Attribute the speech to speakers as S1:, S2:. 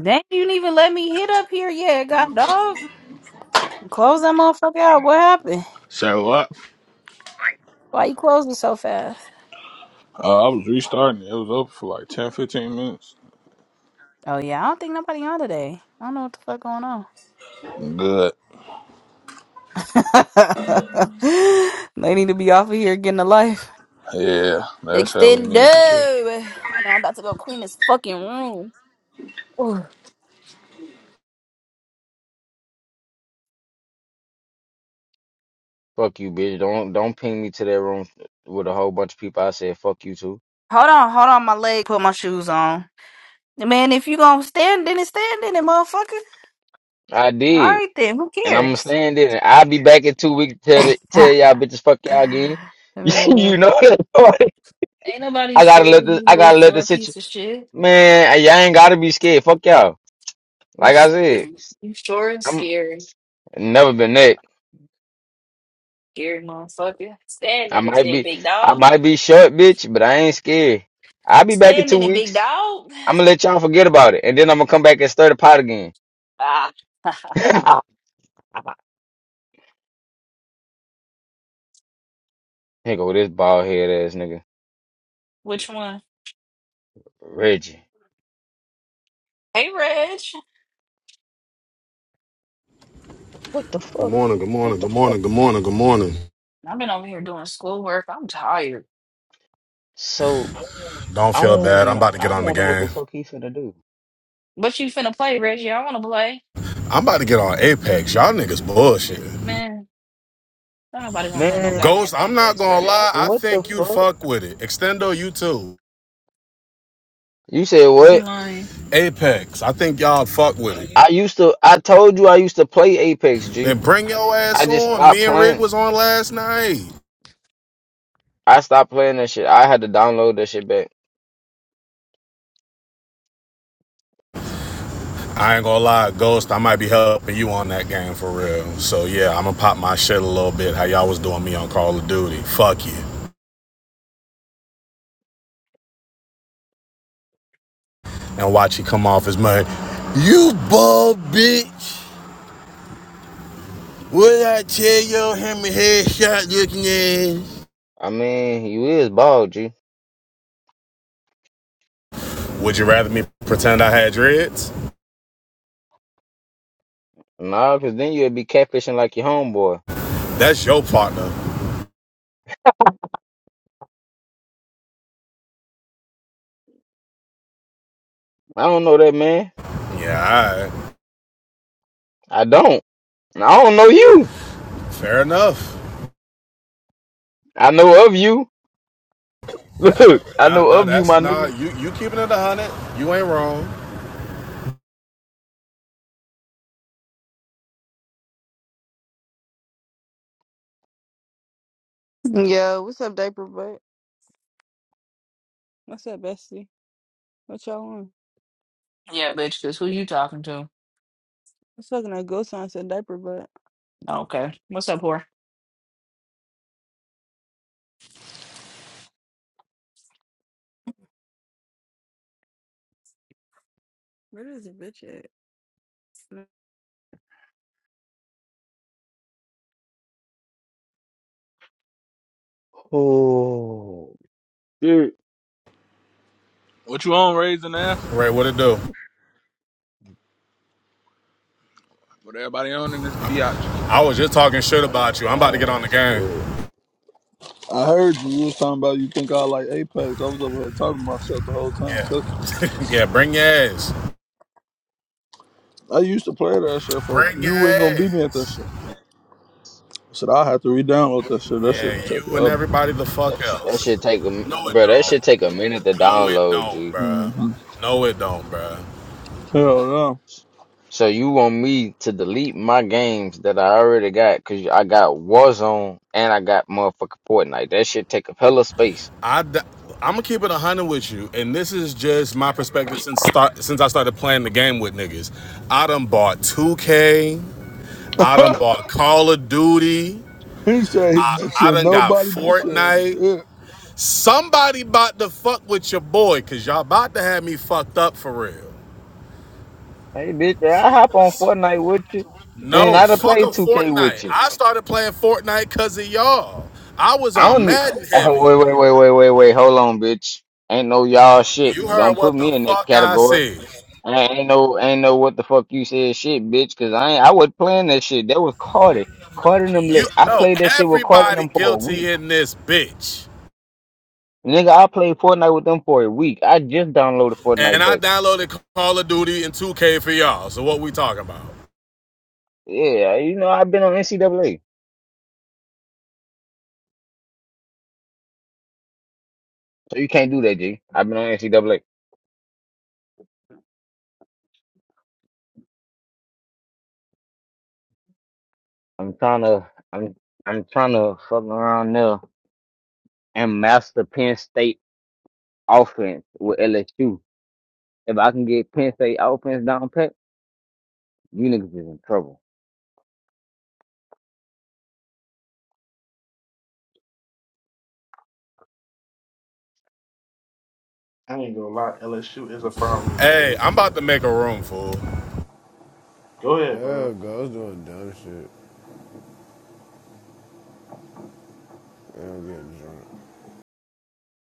S1: Dang, you didn't even let me hit up here yet, god dog. Close that motherfucker out. What happened?
S2: So what?
S1: Why you closing so fast?
S2: Uh, I was restarting. It was open for like 10, 15 minutes.
S1: Oh yeah, I don't think nobody on today. I don't know what the fuck going on.
S2: Good.
S1: they need to be off of here getting a life.
S2: Yeah, that's how we
S1: Extendo.
S2: need to keep.
S1: I know I'm about to go clean this fucking room. Ugh.
S3: Fuck you, bitch. Don't don't ping me to that room with a whole bunch of people. I said fuck you too.
S1: Hold on, hold on, my leg. Put my shoes on. Man, if you gonna stand in it, stand in it, motherfucker.
S3: I
S1: All
S3: did,
S1: right then, who
S3: and I'm
S1: cares?
S3: staying there. And I'll be back in two weeks to tell the, tell y'all bitches fuck y'all again.
S1: Man.
S3: you know that. Lord.
S1: Ain't nobody
S3: I gotta
S1: scared of
S3: let this.
S1: you,
S3: I
S1: little
S3: gotta let the
S1: short
S3: situation.
S1: piece of shit.
S3: Man, y'all ain't gotta be scared. Fuck y'all.
S1: You
S3: Like I said,
S1: scary. You short and
S3: I'm
S1: scary.
S3: never been that.
S1: Scary motherfucker. Stand
S3: I
S1: in it,
S3: might
S1: then,
S3: be.
S1: big
S3: I
S1: dog.
S3: might be short, bitch, but I ain't scared. I'll be back in
S1: Stand
S3: two
S1: in it, big
S3: weeks.
S1: dog.
S3: I'm gonna let y'all forget about it, and then I'm gonna come back and stir the pot again.
S1: Ah.
S3: Here go this bald head ass nigga.
S1: Which one?
S3: Reggie.
S1: Hey, Reg.
S3: What the
S4: Good
S3: fuck?
S4: morning, good morning, good morning, good morning, good morning.
S1: I've been over here doing schoolwork. I'm tired.
S3: So
S4: Don't
S3: I
S4: feel bad.
S3: don't
S4: I'm
S3: know,
S4: about to
S3: I
S4: get on the
S3: don't know what
S4: game.
S3: the fuck he finna do.
S1: What you finna play, Reggie? I wanna play.
S4: I'm about to get on Apex. Y'all niggas bullshit.
S1: Man, don't nobody wanna play no
S3: Man,
S4: Ghost,
S1: goddamn
S4: I'm not
S1: Apex, bro.
S4: gonna lie. I
S3: what the
S4: think you'd
S3: fuck?
S4: fuck with it. Extendo, you too.
S3: You said
S1: You
S3: what?
S1: lying?
S4: Apex, I think y'all fuck with it.
S3: I used to I told you I used to play Apex
S4: Then
S3: G.
S4: bring your
S3: I
S4: ass
S3: just
S4: on.
S3: stopped
S4: Me and Rig
S3: playing.
S4: was on last night.
S3: I stopped playing that shit. I had to download that shit back.
S4: I ain't gonna lie, Ghost, I might be helping you on that game for real. So yeah, I'm gonna pop my shit a little bit. How y'all was doing me on Call of Duty. Fuck you. And watch you come off as much. You bull bitch. Would I tell your hammer headshot looking ass?
S3: I mean, you is bald, G.
S4: Would you rather me pretend I had dreads?
S3: Nah, cause then you'd be catfishing like your homeboy.
S4: That's your partner.
S3: I don't know that man.
S4: Yeah, all right.
S3: I don't. I don't know you.
S4: fair enough.
S3: I know of you. Look, I
S4: Yeah,
S3: know
S4: no,
S3: of you,
S4: that's
S3: my nigga.
S4: not you. You keeping it a hundred. You ain't wrong.
S5: Yo, what's up, diaper butt? What's up, bestie? What y'all want?
S1: Yeah, bitch, because who you talking to?
S5: What's fucking a ghost on said diaper butt?
S1: Okay. What's up, whore?
S5: Where is the bitch at?
S3: Oh, shit.
S2: What you on, raising ass?
S4: Ray, what it do?
S2: What everybody on in this biatch?
S4: I was just talking shit about you. I'm about to get on
S3: Oh
S4: the game.
S3: shit.
S2: I heard you. You was talking about you think I like Apex. I was over here talking to myself the whole time, cooking.
S4: Yeah, yeah. Bring your ass.
S2: I used to play that shit for
S4: Bring your
S2: you ain't gonna beat me at
S4: ass.
S2: that shit. I said I have to re-download that shit. That shit
S4: Yeah,
S2: to take
S4: you and
S2: forever.
S4: everybody the fuck
S3: That
S4: else.
S3: should take a
S4: No, it
S3: bro. That
S4: don't.
S3: should take a minute to
S4: No, it
S3: download,
S4: don't,
S3: G.
S4: bruh.
S2: Mm-hmm.
S4: No, it don't, bruh.
S2: Hell
S3: So you want me to delete my games that I already got? Cause I got Warzone and I got motherfucking Fortnite. That should take a hella space.
S4: i d- I'm gonna keep it one hundred with you, and this is just my perspective since start since I started playing the game with niggas. I done bought 2K. I done
S2: no.
S4: bought Call of Duty.
S2: he said
S4: I,
S2: he
S4: I
S2: said
S4: done got
S2: nobody be saying
S4: Fortnite.
S2: shit.
S4: Somebody about to fuck with your boy, cause y'all about to have me fucked up for real.
S3: Hey bitch, I hop on Fortnite with you, and
S4: No,
S3: I done
S4: fuck a
S3: played 2K with
S4: Fortnite.
S3: you.
S4: I started playing Fortnite cause of y'all. I was
S3: I
S4: on
S3: don't need.
S4: Madden
S3: Oh
S4: heavy.
S3: wait, wait, wait, wait, wait, wait. Hold on, bitch. Ain't no y'all shit.
S4: You heard
S3: Don't put
S4: what the
S3: me in that
S4: fuck I
S3: category.
S4: said.
S3: I ain't know, ain't know what the fuck you said, shit, bitch. Cause I ain't, I was playing that shit. That was Carter. Carter and them.
S4: You
S3: Lit. I
S4: know
S3: played that shit with Carter and
S4: everybody
S3: them for a week.
S4: guilty in this bitch.
S3: Nigga, I played Fortnite with them for a week. I just downloaded
S4: And
S3: Fortnite
S4: I
S3: back.
S4: downloaded Call of Duty and 2K for y'all. So what we talking about?
S3: Yeah, you know, I've been on NCAA, so you can't do that, G. I've been on NCAA. I'm trying to, I'm, I'm trying to fuck around there and master Penn State offense with LSU. If I can get Penn State offense down pat, you niggas is in trouble.
S6: I ain't gonna lie, LSU is a
S7: This
S6: problem.
S7: nigga
S4: Hey,
S7: Ghost
S4: I'm
S7: is a
S4: about to make a room, fool.
S7: dumbass.
S6: Go ahead, bro.
S7: Yeah, Ghost doing dumb shit. I don't get drunk.